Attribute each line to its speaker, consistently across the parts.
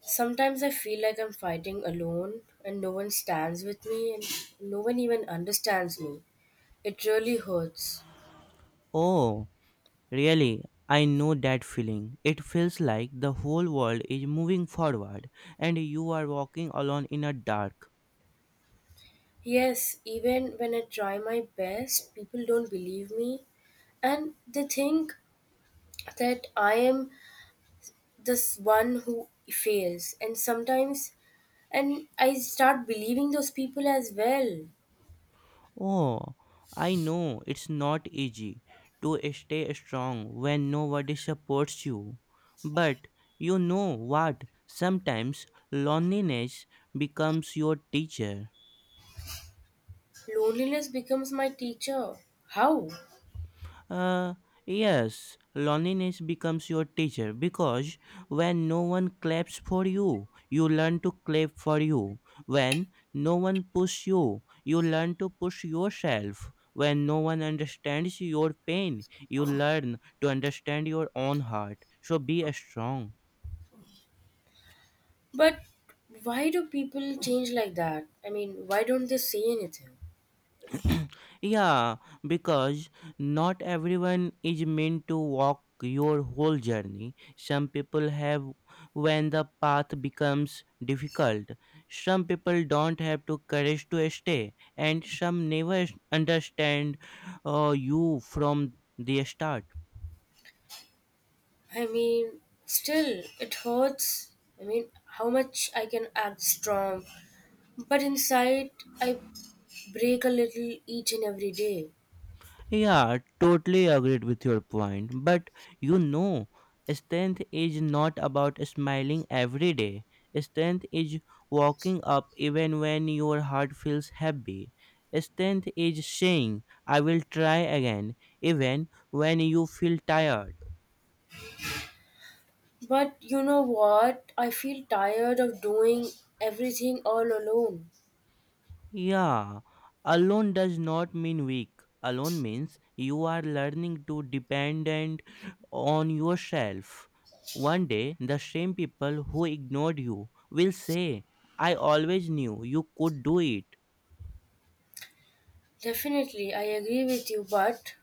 Speaker 1: Sometimes I feel like I'm fighting alone and no one stands with me and no one even understands me. It really hurts.
Speaker 2: Oh, really? I know that feeling. It feels like the whole world is moving forward and you are walking alone in a dark.
Speaker 1: Yes, even when I try my best, people don't believe me and they think that I am this one who fails and sometimes and I start believing those people as well.
Speaker 2: Oh, I know it's not easy to stay strong when nobody supports you. But you know what? Sometimes loneliness becomes your teacher.
Speaker 1: Loneliness becomes my teacher. How?
Speaker 2: Uh, yes, loneliness becomes your teacher because when no one claps for you, you learn to clap for you. When no one pushes you, you learn to push yourself. When no one understands your pain, you learn to understand your own heart. So be strong.
Speaker 1: But why do people change like that? I mean, why don't they say anything?
Speaker 2: Yeah, because not everyone is meant to walk your whole journey. Some people have when the path becomes difficult. Some people don't have the courage to stay, and some never understand you from the start.
Speaker 1: I mean, still, it hurts. I mean, how much I can act strong. But inside, I break a little each and every day.
Speaker 2: Yeah, totally agreed with your point. But you know, strength is not about smiling every day. Strength is walking up even when your heart feels heavy. Strength is saying, I will try again, even when you feel tired.
Speaker 1: But you know what? I feel tired of doing everything all alone.
Speaker 2: Yeah, alone does not mean weak. Alone means you are learning to dependent on yourself. One day, the same people who ignored you will say, I always knew you could do it.
Speaker 1: Definitely, I agree with you, but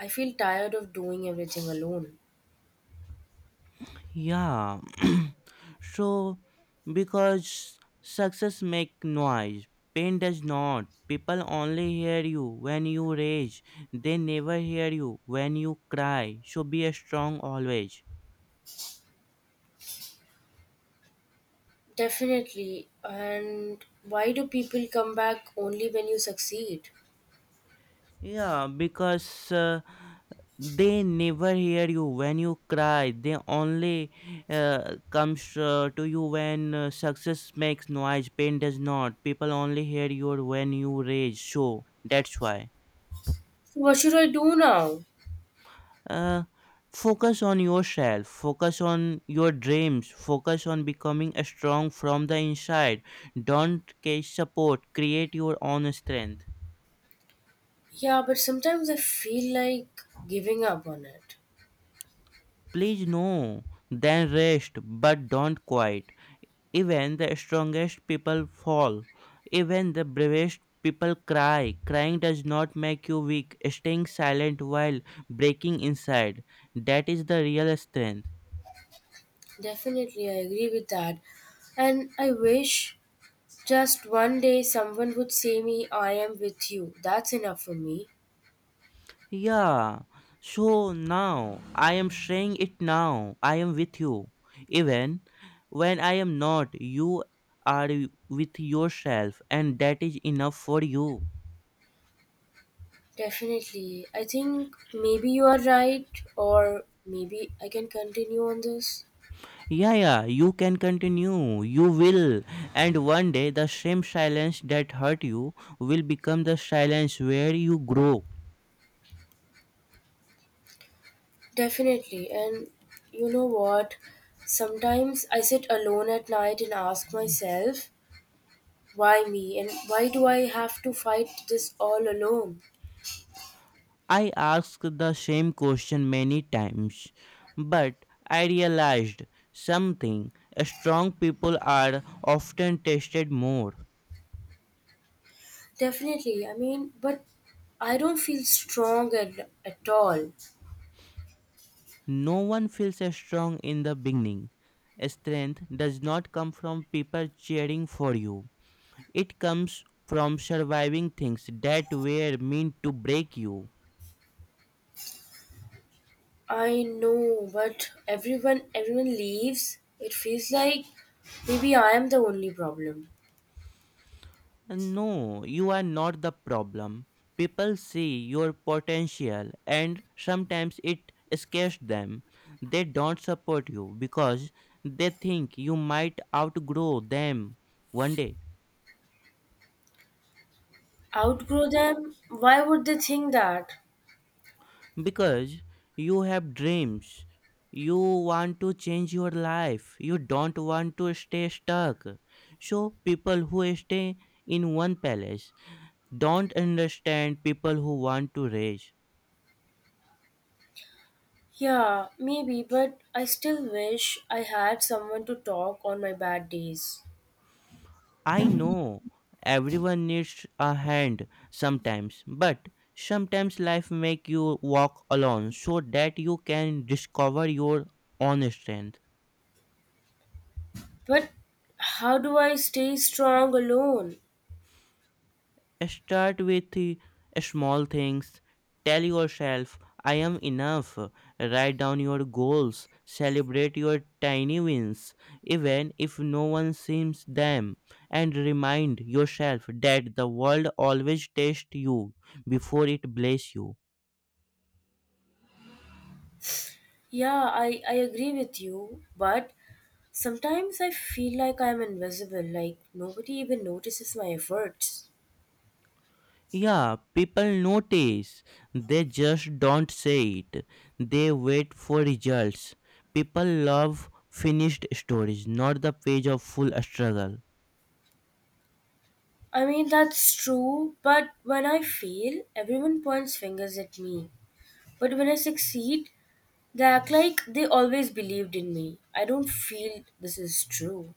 Speaker 1: I feel tired of doing everything alone.
Speaker 2: Yeah, so because success make noise, pain does not. People only hear you when you rage. They never hear you when you cry. So be strong always.
Speaker 1: Definitely. And why do people come back only when you succeed?
Speaker 2: Yeah, because They never hear you when you cry. They only comes to you when success makes noise, pain does not. People only hear you when you rage. So that's why.
Speaker 1: So what should I do now?
Speaker 2: Uh, Focus on yourself. Focus on your dreams. Focus on becoming strong from the inside. Don't case support. Create your own strength.
Speaker 1: Yeah, but sometimes I feel like giving up on it.
Speaker 2: Please no. Then rest, but don't quit. Even the strongest people fall. Even the bravest people cry. Crying does not make you weak. Staying silent while breaking inside. That is the real strength.
Speaker 1: Definitely, I agree with that. And I wish just one day someone would say me, I am with you. That's enough for me.
Speaker 2: Yeah. So now I am saying it now. I am with you. Even when I am not, you are with yourself, and that is enough for you.
Speaker 1: Definitely. I think maybe you are right, or maybe I can continue on this.
Speaker 2: Yeah, yeah, you can continue. You will. And one day, the same silence that hurt you will become the silence where you grow.
Speaker 1: Definitely. And you know what? Sometimes I sit alone at night and ask myself, why me? And why do I have to fight this all alone?
Speaker 2: I asked the same question many times, but I realized something. Strong people are often tested more.
Speaker 1: Definitely. I mean, but I don't feel strong at all.
Speaker 2: No one feels strong in the beginning. Strength does not come from people cheering for you. It comes from surviving things that were meant to break you.
Speaker 1: I know, but everyone leaves. It feels like maybe I am the only problem.
Speaker 2: No, you are not the problem. People see your potential and sometimes it scares them. They don't support you because they think you might outgrow them one day.
Speaker 1: Outgrow them? Why would they think that?
Speaker 2: Because you have dreams. You want to change your life. You don't want to stay stuck. So people who stay in one palace don't understand people who want to rage.
Speaker 1: Yeah, maybe, but I still wish I had someone to talk on my bad days.
Speaker 2: I know everyone needs a hand sometimes, but sometimes life make you walk alone so that you can discover your own strength.
Speaker 1: But how do I stay strong alone?
Speaker 2: Start with small things. Tell yourself, I am enough. Write down your goals. Celebrate your tiny wins, even if no one sees them. And remind yourself that the world always tests you before it blesses you.
Speaker 1: Yeah, I agree with you, but sometimes I feel like I'm invisible, like nobody even notices my efforts.
Speaker 2: Yeah, people notice. They just don't say it. They wait for results. People love finished stories, not the page of full struggle.
Speaker 1: I mean, that's true, but when I fail, everyone points fingers at me. But when I succeed, they act like they always believed in me. I don't feel this is true.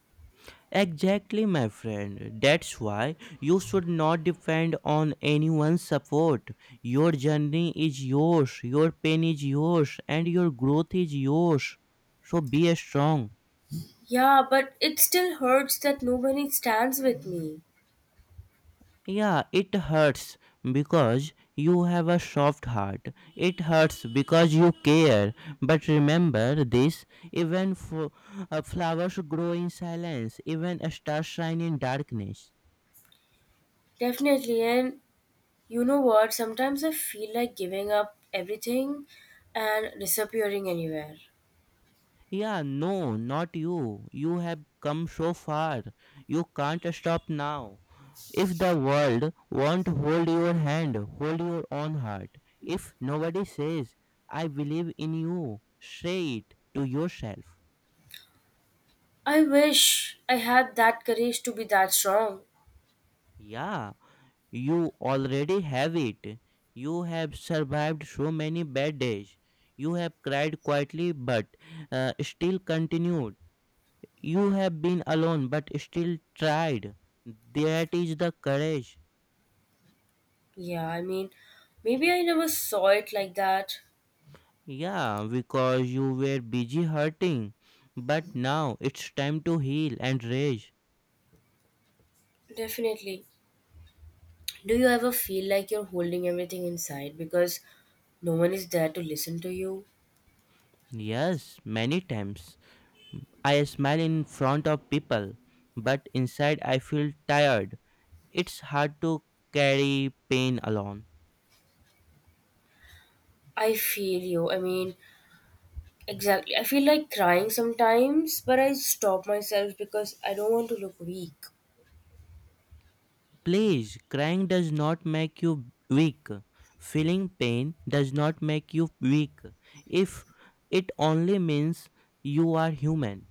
Speaker 2: Exactly, my friend. That's why you should not depend on anyone's support. Your journey is yours, your pain is yours, and your growth is yours. So be strong.
Speaker 1: Yeah, but it still hurts that nobody stands with me.
Speaker 2: Yeah, it hurts because you have a soft heart. It hurts because you care. But remember this, even flowers grow in silence, even stars shine in darkness.
Speaker 1: Definitely, and you know what? Sometimes I feel like giving up everything and disappearing anywhere.
Speaker 2: Yeah, no, not you. You have come so far. You can't stop now. If the world won't hold your hand, hold your own heart. If nobody says, I believe in you, say it to yourself.
Speaker 1: I wish I had that courage to be that strong.
Speaker 2: Yeah, you already have it. You have survived so many bad days. You have cried quietly but still continued. You have been alone but still tried. That is the courage.
Speaker 1: Yeah, I mean, maybe I never saw it like that.
Speaker 2: Yeah, because you were busy hurting. But now it's time to heal and rage.
Speaker 1: Definitely. Do you ever feel like you're holding everything inside because no one is there to listen to you?
Speaker 2: Yes, many times. I smile in front of people, but inside I feel tired. It's hard to carry pain alone.
Speaker 1: I feel you. I mean, exactly. I feel like crying sometimes, but I stop myself because I don't want to look weak.
Speaker 2: Please, crying does not make you weak. Feeling pain does not make you weak. If it only means you are human.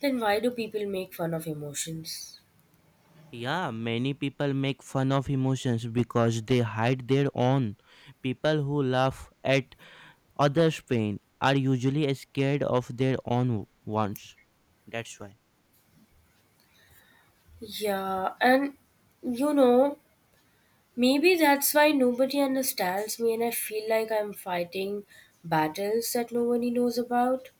Speaker 1: Then why do people make fun of emotions?
Speaker 2: Yeah, many people make fun of emotions because they hide their own. People who laugh at others' pain are usually scared of their own ones. That's why.
Speaker 1: Yeah, and you know, maybe that's why nobody understands me and I feel like I'm fighting battles that nobody knows about.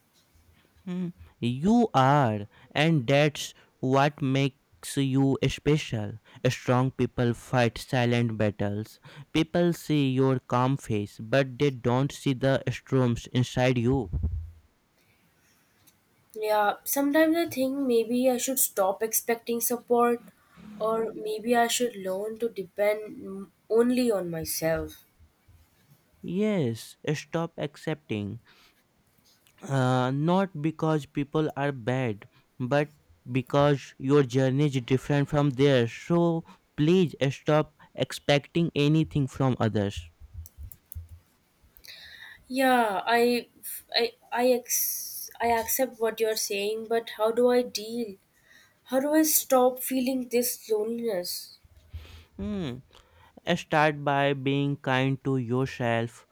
Speaker 2: Mm, you are, and that's what makes you special. Strong people fight silent battles. People see your calm face, but they don't see the storms inside you.
Speaker 1: Yeah, sometimes I think maybe I should stop expecting support or maybe I should learn to depend only on myself.
Speaker 2: Yes, stop accepting. Not because people are bad, but because your journey is different from theirs. So please stop expecting anything from others.
Speaker 1: Yeah, I accept what you're saying, but how do I deal? How do I stop feeling this loneliness?
Speaker 2: Hmm. Start by being kind to yourself.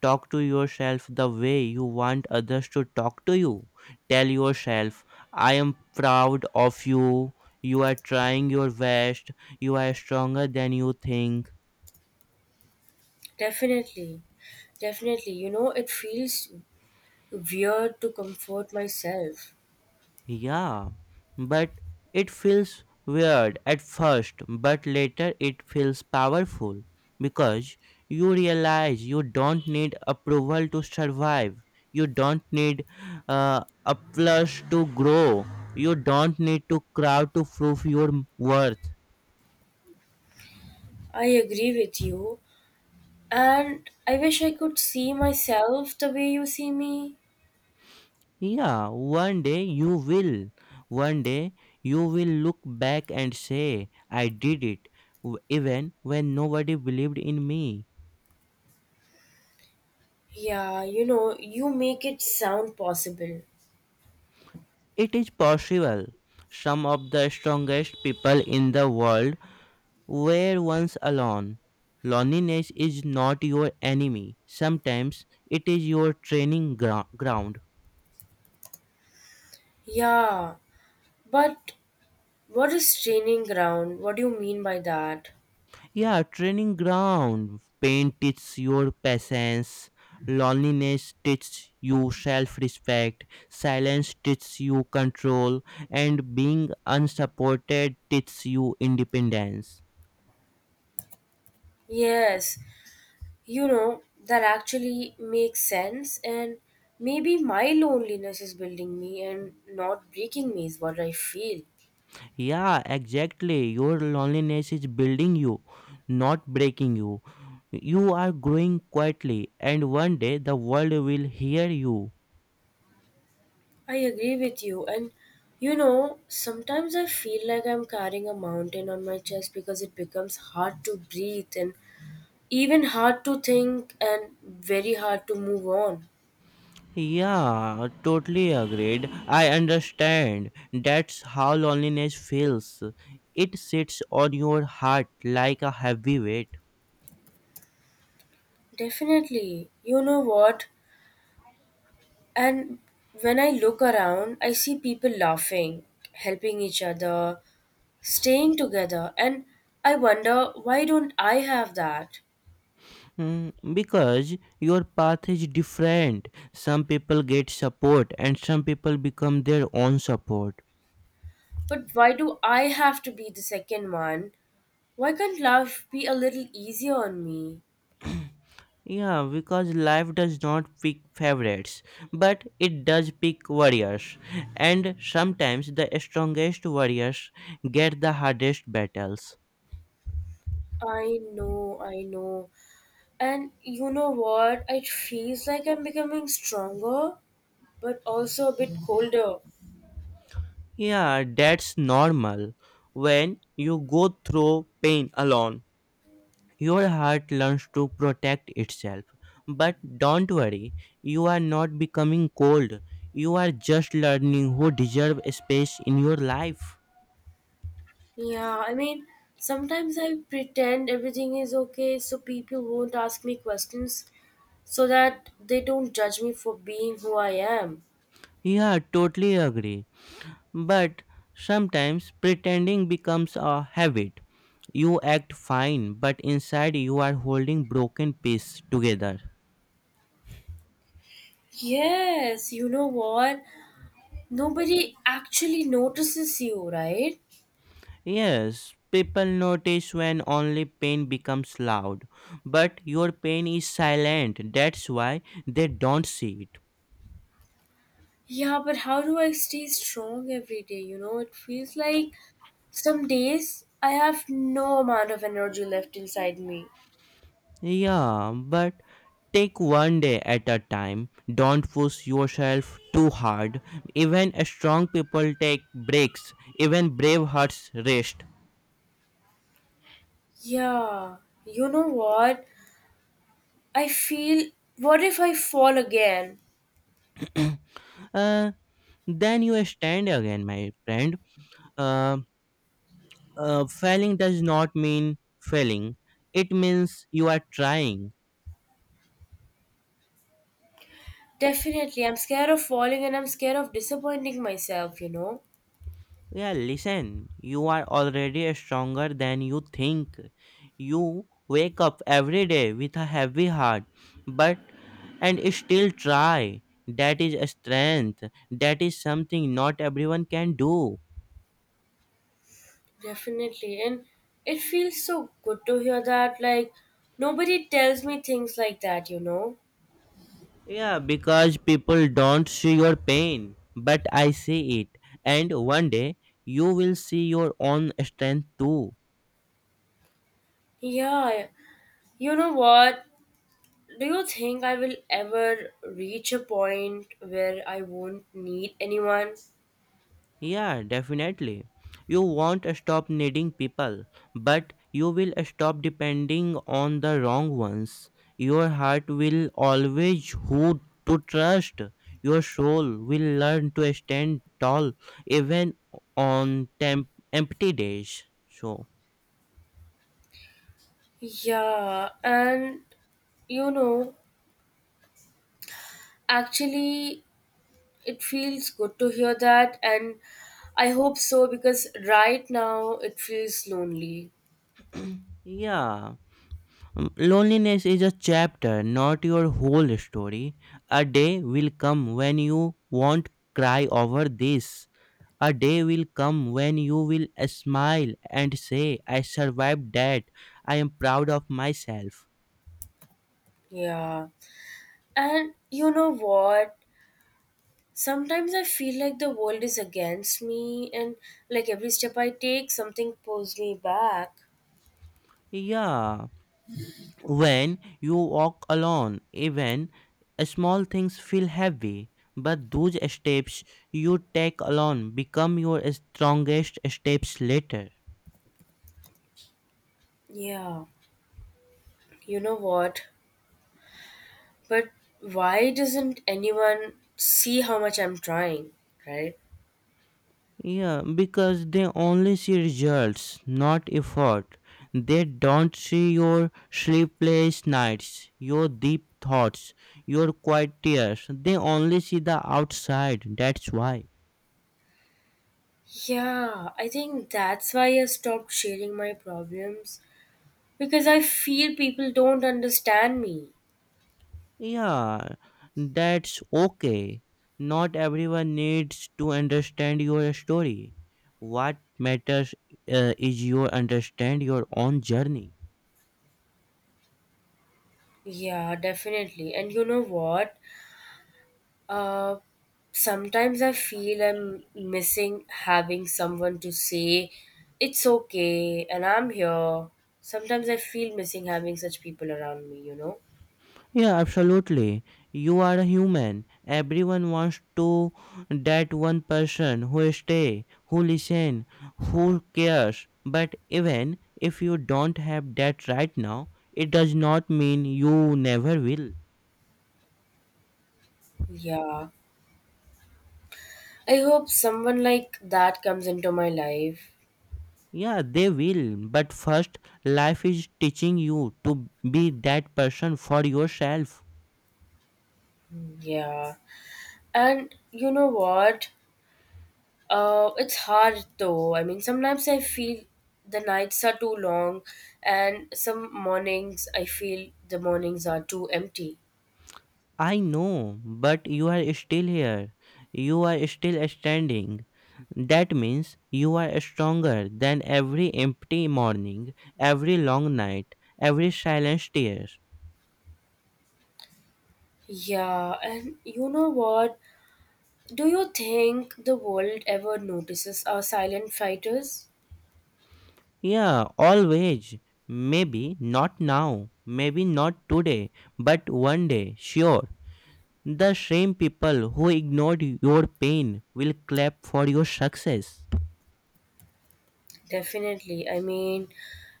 Speaker 2: Talk to yourself the way you want others to talk to you. Tell yourself, I am proud of you. You are trying your best. You are stronger than you think.
Speaker 1: Definitely. Definitely. You know, it feels weird to comfort myself.
Speaker 2: Yeah, but it feels weird at first, but later it feels powerful because you realize you don't need approval to survive, you don't need applause to grow, you don't need to crowd to prove your worth.
Speaker 1: I agree with you. And I wish I could see myself the way you see me.
Speaker 2: Yeah, one day you will. One day you will look back and say, I did it, even when nobody believed in me.
Speaker 1: Yeah, you know, you make it sound possible.
Speaker 2: It is possible. Some of the strongest people in the world were once alone. Loneliness is not your enemy. Sometimes it is your training ground.
Speaker 1: Yeah, but what is training ground? What do you mean by that?
Speaker 2: Yeah, training ground. Pain teaches your patience. Loneliness teaches you self respect. Silence teaches you control. And being unsupported teaches you independence.
Speaker 1: Yes, you know, that actually makes sense, and maybe my loneliness is building me and not breaking me, is what I feel.
Speaker 2: Yeah, exactly. Your loneliness is building you, not breaking you. You are growing quietly, and one day the world will hear you.
Speaker 1: I agree with you. And you know, sometimes I feel like I'm carrying a mountain on my chest because it becomes hard to breathe and even hard to think and very hard to move on.
Speaker 2: Yeah, totally agreed. I understand. That's how loneliness feels. It sits on your heart like a heavy weight.
Speaker 1: Definitely. You know what? And when I look around, I see people laughing, helping each other, staying together. And I wonder, why don't I have that?
Speaker 2: Mm, because your path is different. Some people get support, and some people become their own support.
Speaker 1: But why do I have to be the second one? Why can't life be a little easier on me?
Speaker 2: Yeah, because life does not pick favorites, but it does pick warriors. And sometimes the strongest warriors get the hardest battles.
Speaker 1: I know, I know. And you know what? It feels like I'm becoming stronger, but also a bit colder.
Speaker 2: Yeah, that's normal. When you go through pain alone, your heart learns to protect itself. But don't worry, you are not becoming cold. You are just learning who deserve space in your life.
Speaker 1: Yeah, I mean, sometimes I pretend everything is okay so people won't ask me questions so that they don't judge me for being who I am.
Speaker 2: Yeah, totally agree. But sometimes pretending becomes a habit. You act fine, but inside you are holding broken pieces together.
Speaker 1: Yes, you know what? Nobody actually notices you, right?
Speaker 2: Yes, people notice when only pain becomes loud, but your pain is silent. That's why they don't see it.
Speaker 1: Yeah, but how do I stay strong every day? You know, it feels like some days I have no amount of energy left inside me.
Speaker 2: Yeah, but take one day at a time. Don't push yourself too hard. Even strong people take breaks. Even brave hearts rest.
Speaker 1: Yeah, you know what? I feel, what if I fall again?
Speaker 2: Uh, then you stand again, my friend. uh, Failing does not mean failing, it means you are trying.
Speaker 1: Definitely, I'm scared of falling and I'm scared of disappointing myself, you know?
Speaker 2: Yeah, listen, you are already stronger than you think. You wake up every day with a heavy heart, but and still try. That is a strength. That is something not everyone can do.
Speaker 1: Definitely, and it feels so good to hear that. Like, nobody tells me things like that, you know?
Speaker 2: Yeah, because people don't see your pain, but I see it. And one day you will see your own strength too.
Speaker 1: Yeah, you know what? Do you think I will ever reach a point where I won't need anyone?
Speaker 2: Yeah, definitely. You won't stop needing people, but you will stop depending on the wrong ones. Your heart will always who to trust. Your soul will learn to stand tall even on empty days. So,
Speaker 1: Yeah, and you know, actually, it feels good to hear that, and I hope so because right now it feels lonely.
Speaker 2: yeah. Mm, loneliness is a chapter, not your whole story. A day will come when you won't cry over this. A day will come when you will smile and say, I survived that. I am proud of myself.
Speaker 1: Yeah, and you know what? Sometimes I feel like the world is against me, and like every step I take, something pulls me back.
Speaker 2: Yeah, when you walk alone, even small things feel heavy. But those steps you take alone become your strongest steps later.
Speaker 1: Yeah, you know what? But why doesn't anyone see how much I'm trying, right?
Speaker 2: Yeah, because they only see results, not effort. They don't see your sleepless nights, your deep thoughts, your quiet tears. They only see the outside. That's why.
Speaker 1: Yeah, I think that's why I stopped sharing my problems because I feel people don't understand me.
Speaker 2: Yeah, that's okay. Not everyone needs to understand your story. What matters is you understand your own journey.
Speaker 1: Yeah, definitely. And you know what? Uh, Sometimes I feel I'm missing having someone to say, it's okay, and I'm here. Sometimes I feel missing having such people around me, you know?
Speaker 2: Yeah, absolutely. You are a human. Everyone wants to that one person who stay, who listen, who cares. But even if you don't have that right now, it does not mean you never will.
Speaker 1: Yeah. I hope someone like that comes into my life.
Speaker 2: Yeah, they will. But first, life is teaching you to be that person for yourself.
Speaker 1: Yeah. And you know what? It's hard though. I mean, sometimes I feel the nights are too long, and some mornings I feel the mornings are too empty.
Speaker 2: I know, but you are still here. You are still standing. That means you are stronger than every empty morning, every long night, every silent tear.
Speaker 1: Yeah, and you know what? Do you think the world ever notices our silent fighters?
Speaker 2: Yeah, always. Maybe not now, maybe not today, but one day, sure. The same people who ignored your pain will clap for your success.
Speaker 1: Definitely. I mean,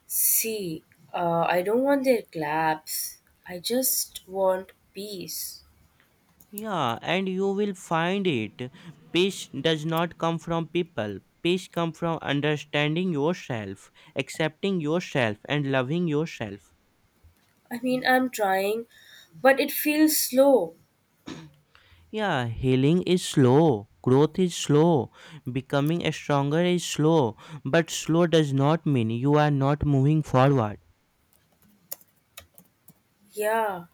Speaker 1: see, I don't want their claps. I just want peace.
Speaker 2: Yeah, and you will find it. Peace does not come from people. Peace comes from understanding yourself, accepting yourself, and loving yourself.
Speaker 1: I mean, I'm trying, but it feels slow.
Speaker 2: Yeah, healing is slow. Growth is slow. Becoming stronger is slow. But slow does not mean you are not moving forward.
Speaker 1: Yeah,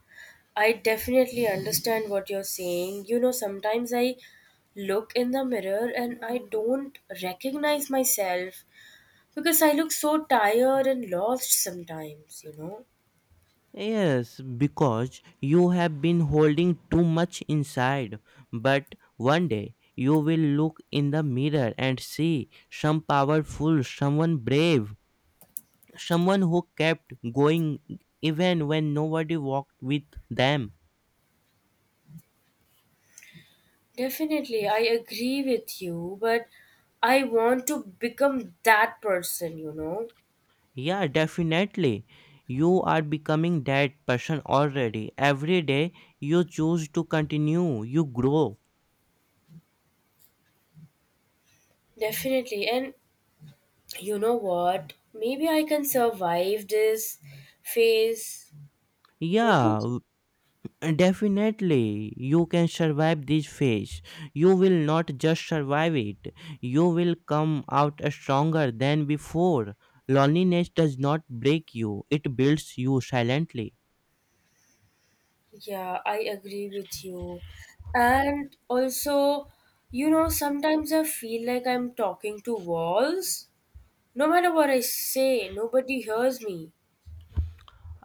Speaker 1: I definitely understand what you're saying. You know, sometimes I look in the mirror and I don't recognize myself because I look so tired and lost sometimes, you know.
Speaker 2: Yes, because you have been holding too much inside. But one day you will look in the mirror and see some powerful, someone brave, someone who kept going even when nobody walked with them.
Speaker 1: Definitely, I agree with you, but I want to become that person, you know.
Speaker 2: Yeah, definitely. You are becoming that person already. Every day you choose to continue, you grow.
Speaker 1: Definitely. And you know what? Maybe I can survive this phase. Don't you?
Speaker 2: Yeah, definitely, you can survive this phase. You will not just survive it, you will come out stronger than before. Loneliness does not break you, it builds you silently.
Speaker 1: Yeah, I agree with you. And also, you know, sometimes I feel like I'm talking to walls. No matter what I say, nobody hears me.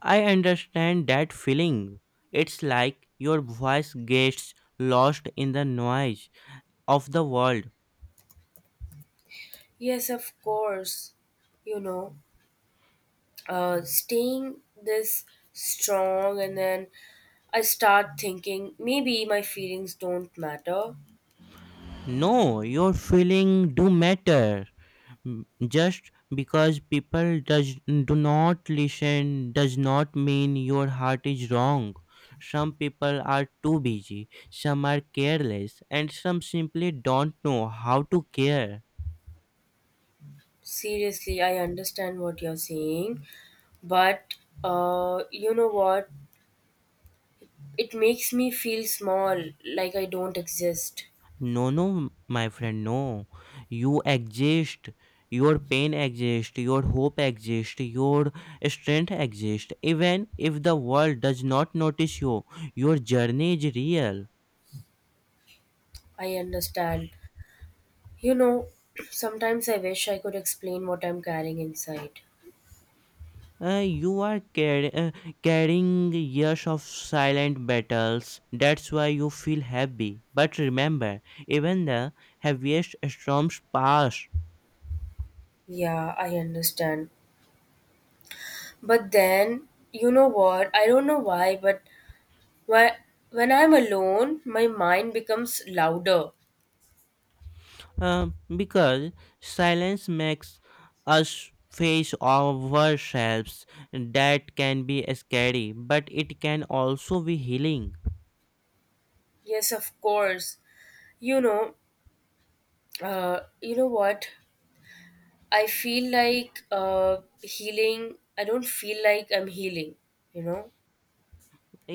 Speaker 2: I understand that feeling. It's like your voice gets lost in the noise of the world.
Speaker 1: Yes, of course, you know, staying this strong and then I start thinking maybe my feelings don't matter.
Speaker 2: No, your feeling do matter. Mm, just because people does do not listen does not mean your heart is wrong. Some people are too busy, some are careless, and some simply don't know how to care.
Speaker 1: Seriously, I understand what you're saying, but you know what, it makes me feel small, like I don't exist.
Speaker 2: No, no, my friend, no, you exist. Your pain exists, your hope exists, your strength exists. Even if the world does not notice you, your journey is real.
Speaker 1: I understand. You know, sometimes I wish I could explain what I'm carrying inside.
Speaker 2: You are carrying years of silent battles. That's why you feel heavy. But remember, even the heaviest storms pass.
Speaker 1: Yeah, I understand, but then you know what, I don't know why, but Whe- when I'm alone, my mind becomes louder.
Speaker 2: Uh, because silence makes us face ourselves. That can be scary, but it can also be healing.
Speaker 1: Yes, of course. You know, you know what? I feel like healing, I don't feel like I'm healing. You know?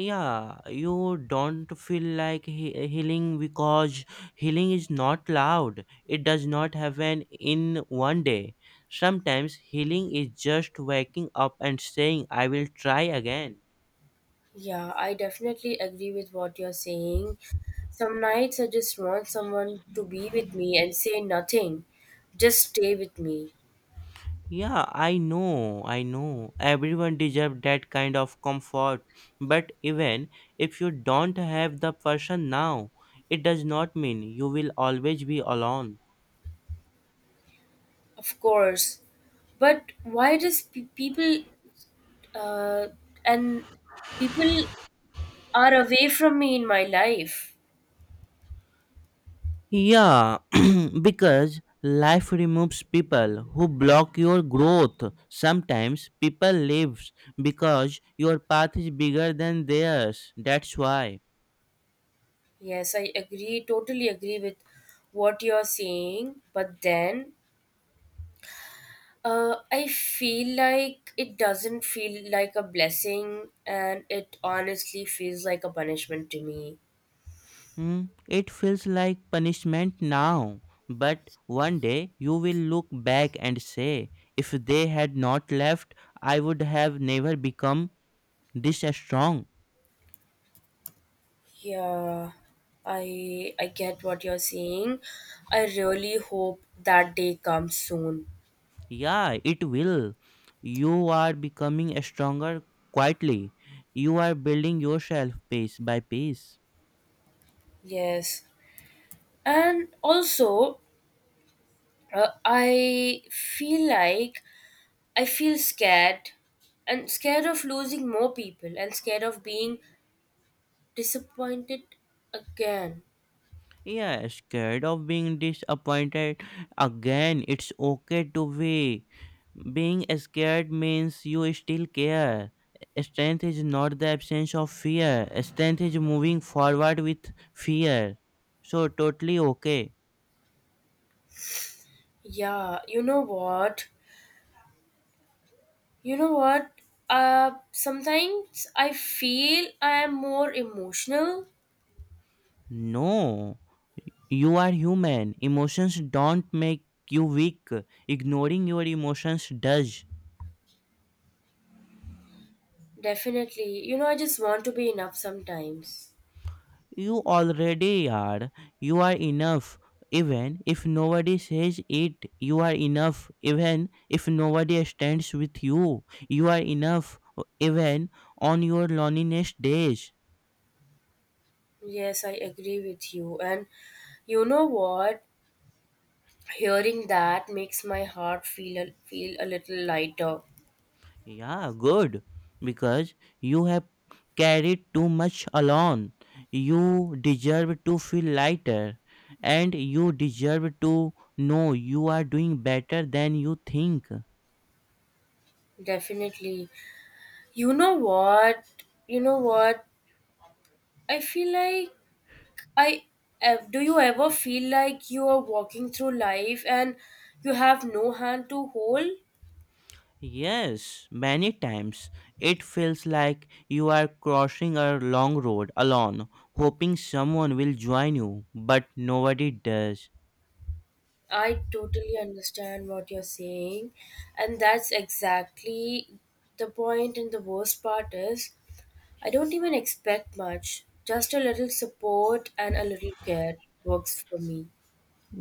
Speaker 2: Yeah, you don't feel like healing, because healing is not loud, it does not happen in one day. Sometimes healing is just waking up and saying, I will try again.
Speaker 1: Yeah, I definitely agree with what you're saying. Some nights I just want someone to be with me and say nothing, just stay with me.
Speaker 2: Yeah, I know, everyone deserves that kind of comfort. But even if you don't have the person now, it does not mean you will always be alone.
Speaker 1: Of course, but why does people uh, and people are away from me in my life.
Speaker 2: Yeah, because life removes people who block your growth. Sometimes people leaves because your path is bigger than theirs. That's why.
Speaker 1: Yes, I agree, totally agree with what you're saying. But then I feel like it doesn't feel like a blessing and it honestly feels like a punishment to me.
Speaker 2: Hmm, it feels like punishment now, but one day you will look back and say, if they had not left, I would have never become this strong.
Speaker 1: Yeah, I get what you're saying. I really hope that day comes soon.
Speaker 2: Yeah, it will. You are becoming stronger quietly. You are building yourself piece by piece.
Speaker 1: Yes. And also, I feel like I feel scared and scared of losing more people and scared of being disappointed again.
Speaker 2: Yeah, scared of being disappointed again. It's okay to be. Being scared means you still care. Strength is not the absence of fear. Strength is moving forward with fear. So totally okay.
Speaker 1: Yeah, you know what? You know what? Sometimes I feel I am more emotional.
Speaker 2: No. You are human. Emotions don't make you weak. Ignoring your emotions does.
Speaker 1: Definitely. You know, I just want to be enough sometimes.
Speaker 2: You already are. You are enough. Even if nobody says it, you are enough. Even if nobody stands with you, you are enough. Even on your loneliness days.
Speaker 1: Yes, I agree with you. And you know what? Hearing that makes my heart feel feel a little lighter.
Speaker 2: Yeah, good. Because you have carried too much alone. You deserve to feel lighter. And you deserve to know you are doing better than you think.
Speaker 1: Definitely. You know what? You know what? I feel like I. Do you ever feel like you are walking through life and you have no hand to hold?
Speaker 2: Yes, many times it feels like you are crossing a long road alone, hoping someone will join you, but nobody does.
Speaker 1: I totally understand what you're saying, and that's exactly the point. And the worst part is, I don't even expect much. Just a little support and a little care works for me.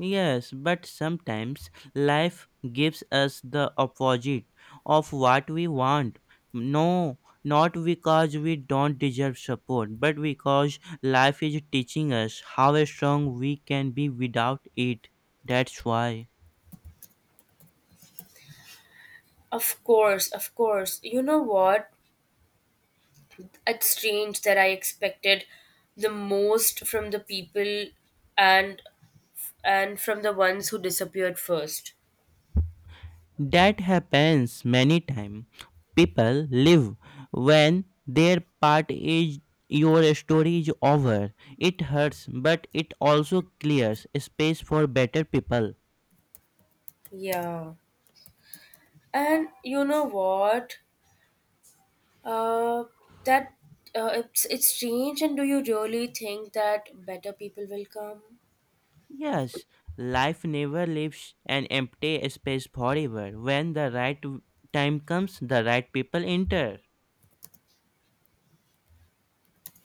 Speaker 2: Yes, but sometimes life gives us the opposite of what we want. No, not because we don't deserve support, but because life is teaching us how strong we can be without it. That's why.
Speaker 1: Of course, of course. You know what? It's strange that I expected the most from the people and from the ones who disappeared first.
Speaker 2: That happens many times. People live when their part is your story is over. It hurts, but it also clears space for better people.
Speaker 1: Yeah. And you know what? Uh, that It's strange. And do you really think that better people will come?
Speaker 2: Yes, life never leaves an empty space forever. When the time comes, the right people enter.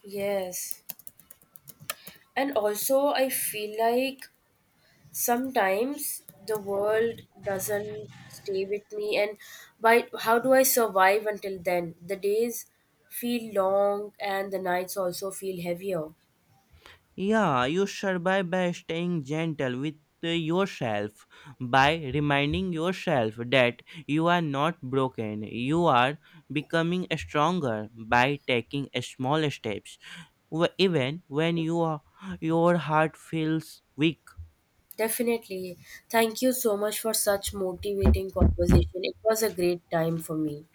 Speaker 1: Yes. And also, I feel like sometimes the world doesn't stay with me, and by how do I survive until then, the days feel long and the nights also feel heavier.
Speaker 2: Yeah, you survive by staying gentle with yourself, by reminding yourself that you are not broken, you are becoming stronger by taking small steps, even when your heart feels weak.
Speaker 1: Definitely, thank you so much for such motivating conversation. It was a great time for me.